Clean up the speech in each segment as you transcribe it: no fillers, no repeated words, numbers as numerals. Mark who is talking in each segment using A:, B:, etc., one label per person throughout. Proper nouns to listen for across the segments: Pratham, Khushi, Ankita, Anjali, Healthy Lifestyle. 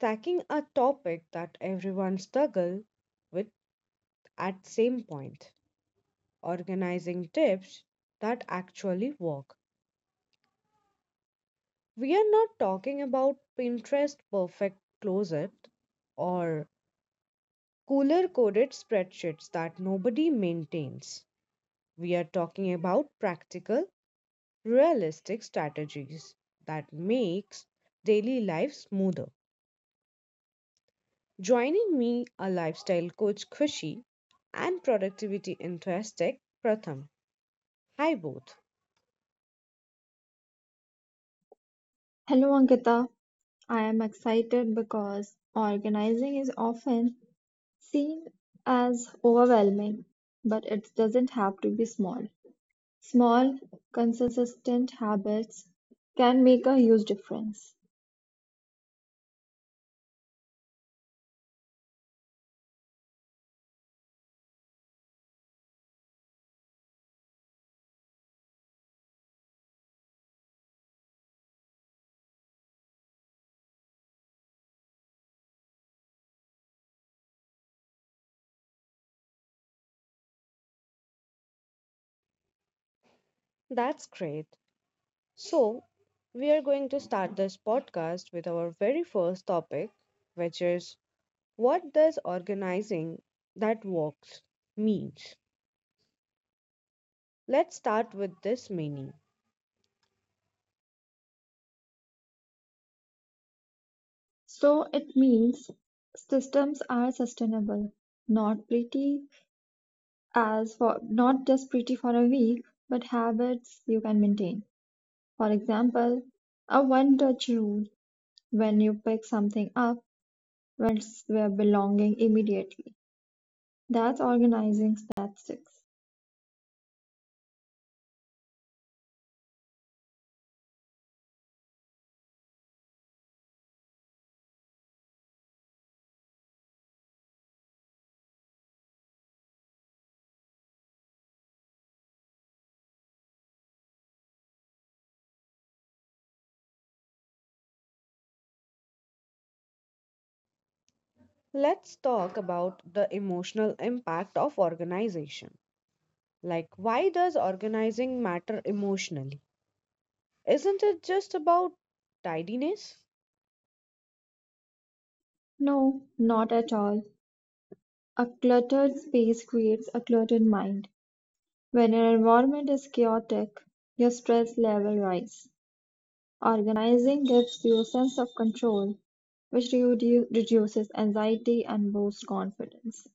A: tackling a topic that everyone struggles with at same point, organizing tips that actually work. We are not talking about Pinterest perfect closet or cooler coded spreadsheets that nobody maintains. We are talking about practical realistic strategies that makes daily life smoother. Joining me are lifestyle coach Khushi and productivity enthusiast Pratham. Hi both.
B: Hello Ankita, I am excited because organizing is often seen as overwhelming, but it doesn't have to be small. Small, consistent habits can make a huge difference.
A: That's great. So, we are going to start this podcast with our very first topic, which is what does organizing that works means. Let's start with this meaning.
B: So it means systems are sustainable, not pretty as for not just pretty for a week, but habits you can maintain. For example, a one touch rule when you pick something up when it's where belonging immediately. That's organizing that sticks.
A: Let's talk about the emotional impact of organization. Like, why does organizing matter emotionally? Isn't it just about tidiness?
B: No, not at all. A cluttered space creates a cluttered mind. When your environment is chaotic, your stress level rises. Organizing gives you a sense of control, which reduces anxiety and boosts confidence.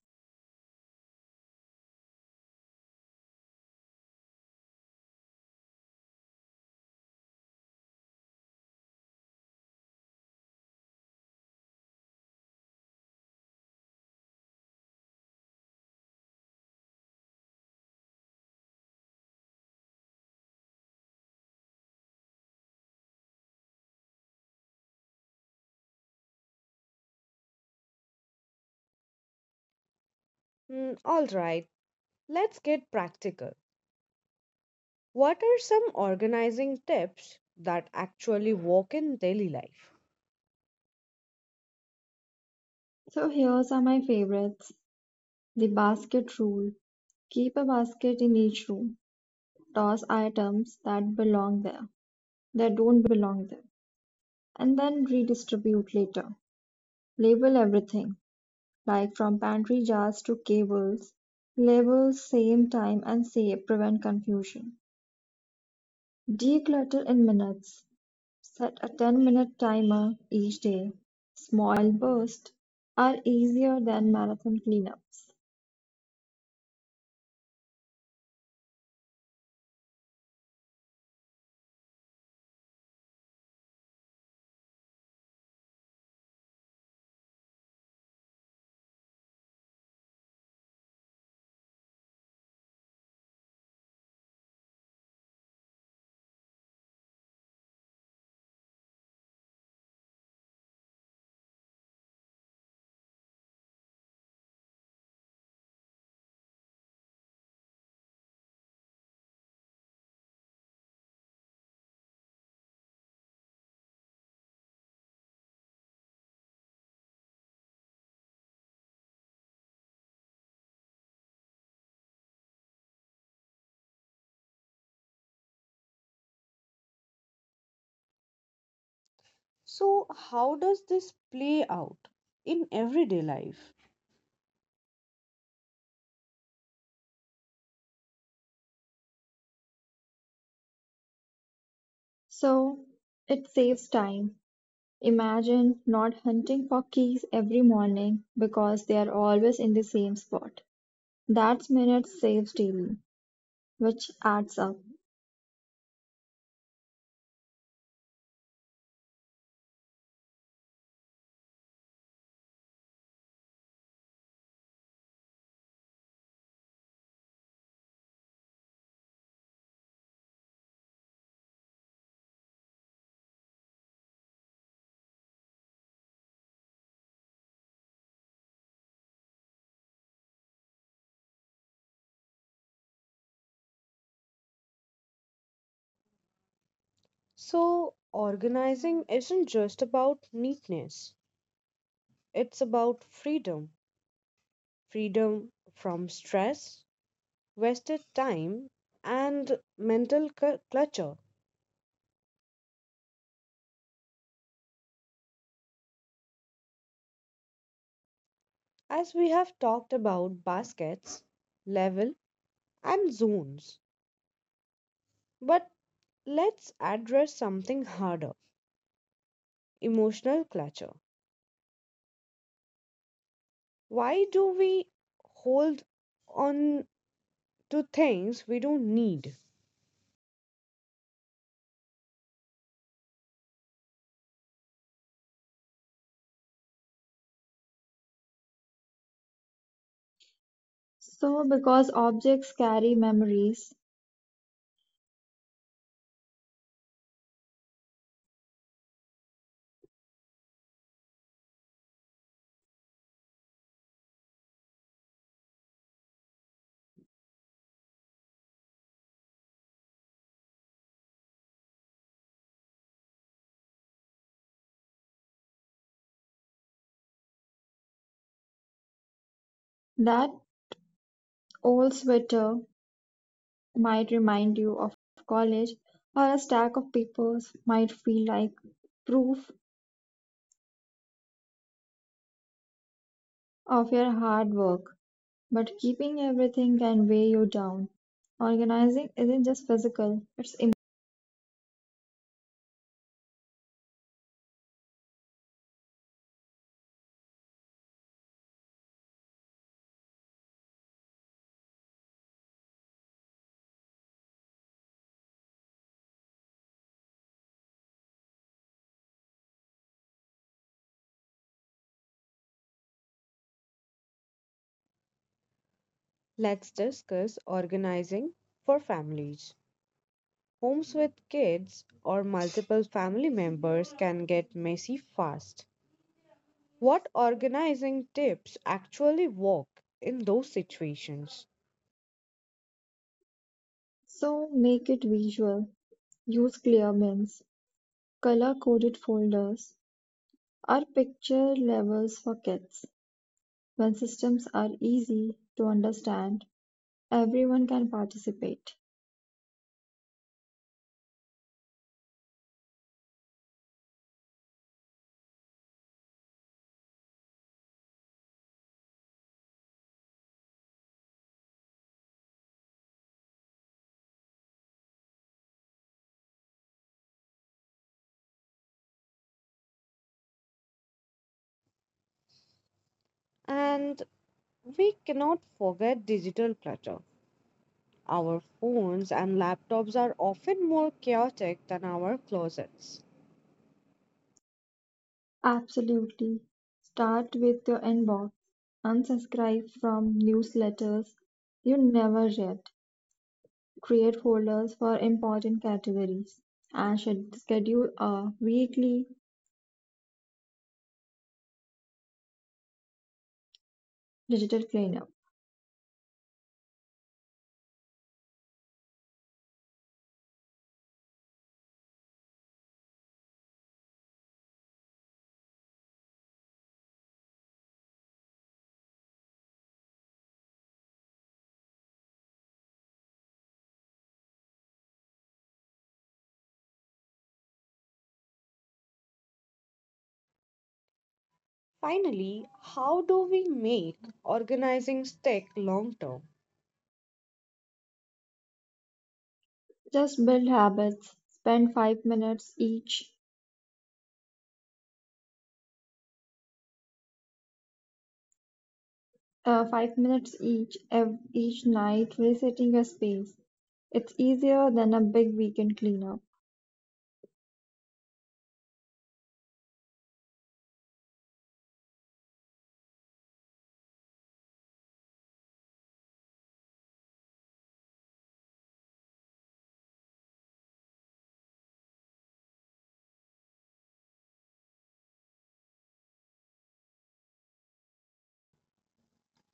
A: All right, let's get practical. What are some organizing tips that actually work in daily life?
B: So here's are my favorites. The basket rule. Keep a basket in each room. Toss items that belong there, that don't belong there, and then redistribute later. Label everything, like from pantry jars to cables. Label same time and save, prevent confusion. Declutter in minutes. Set a 10-minute timer each day. Small bursts are easier than marathon cleanups.
A: So, how does this play out in everyday life?
B: So it saves time. Imagine not hunting for keys every morning because they are always in the same spot. That's minutes saved daily, which adds up.
A: So, organizing isn't just about neatness, it's about freedom freedom from stress, wasted time, and mental clutter, as we have talked about baskets, level, and zones. But let's address something harder emotional clutter. Why do we hold on to things we don't need?
B: So, because objects carry memories, that old sweater might remind you of college, or a stack of papers might feel like proof of your hard work. But keeping everything can weigh you down. Organizing isn't just physical, it's emotional.
A: Let's discuss organizing for families. Homes with kids or multiple family members can get messy fast. What organizing tips actually work in those situations.
B: So, make it visual. Use clear bins, color coded folders, or picture levels for kids. When systems are easy to understand, everyone can participate,
A: And we cannot forget digital clutter. Our phones and laptops are often more chaotic than our closets.
B: absolutely. Start with your inbox. Unsubscribe from newsletters you never read. Create folders for important categories and should schedule a weekly digital cleanup.
A: Finally, how do we make organizing stick long term?
B: Just build habits. Spend 5 minutes each, 5 minutes each night resetting your space. It's easier than a big weekend cleanup.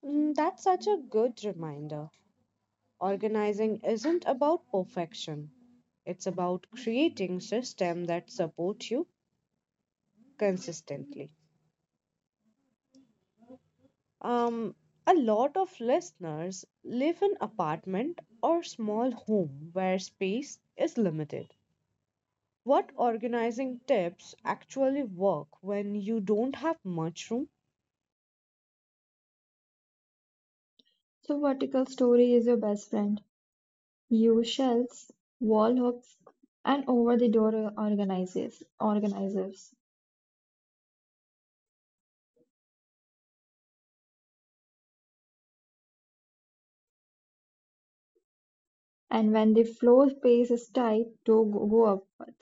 A: That's such a good reminder. Organizing isn't about perfection, it's about creating systems that support you consistently. Um, a lot of listeners live in apartment or small home where space is limited. What organizing tips actually work when you don't have much room?
B: So vertical story is your best friend. U shelves, wall hooks, and over the door organizers. And when the floor space is tight, do go upward.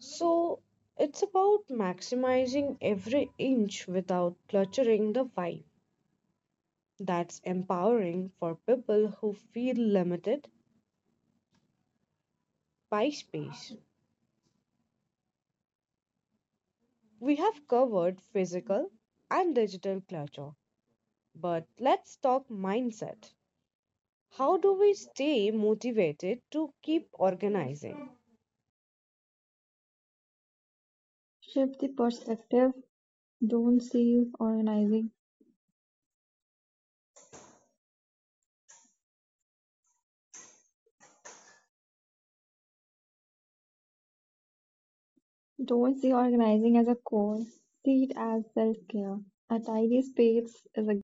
A: So it's about maximizing every inch without cluttering the vibe. That's empowering for people who feel limited by space. We have covered physical and digital clutter, but let's talk mindset. How do we stay motivated to keep organizing?
B: Shift the perspective. Don't see organizing. Don't see organizing as a core. See it as self-care. A tidy space is a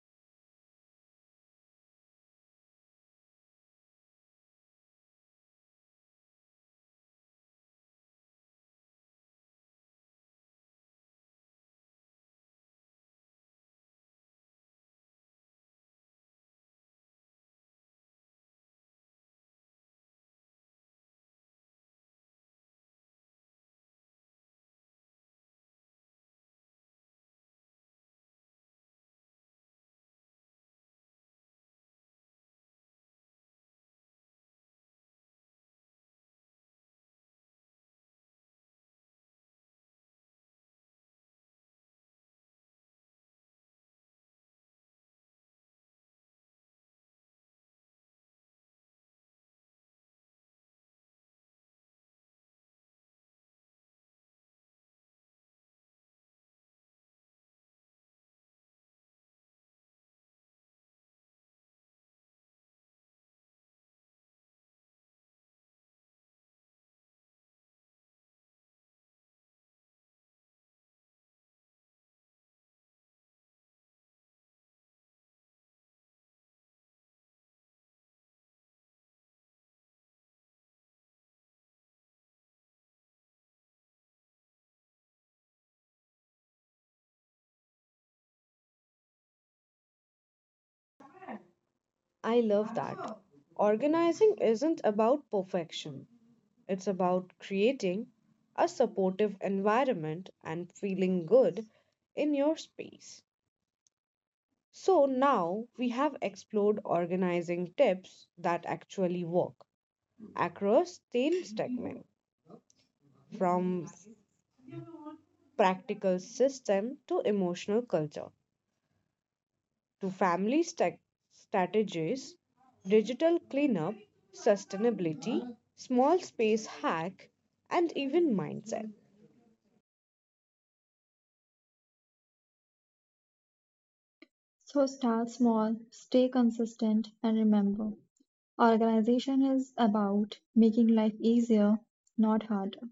A: I love that. Organizing isn't about perfection, it's about creating a supportive environment and feeling good in your space. So now we have explored organizing tips that actually work across theme segment from practical system to emotional culture to family strategies, digital cleanup, sustainability, small space hack, and even mindset.
B: so start small, stay consistent, and remember, organization is about making life easier, not harder.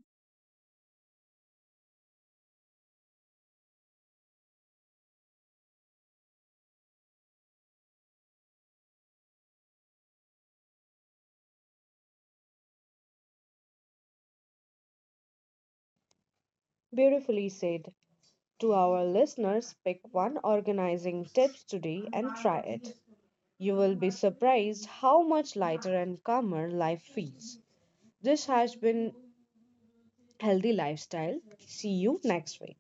A: Beautifully said. To our listeners, pick one organizing tips today and try it. You will be surprised how much lighter and calmer life feels. This has been Healthy Lifestyle. See you next week.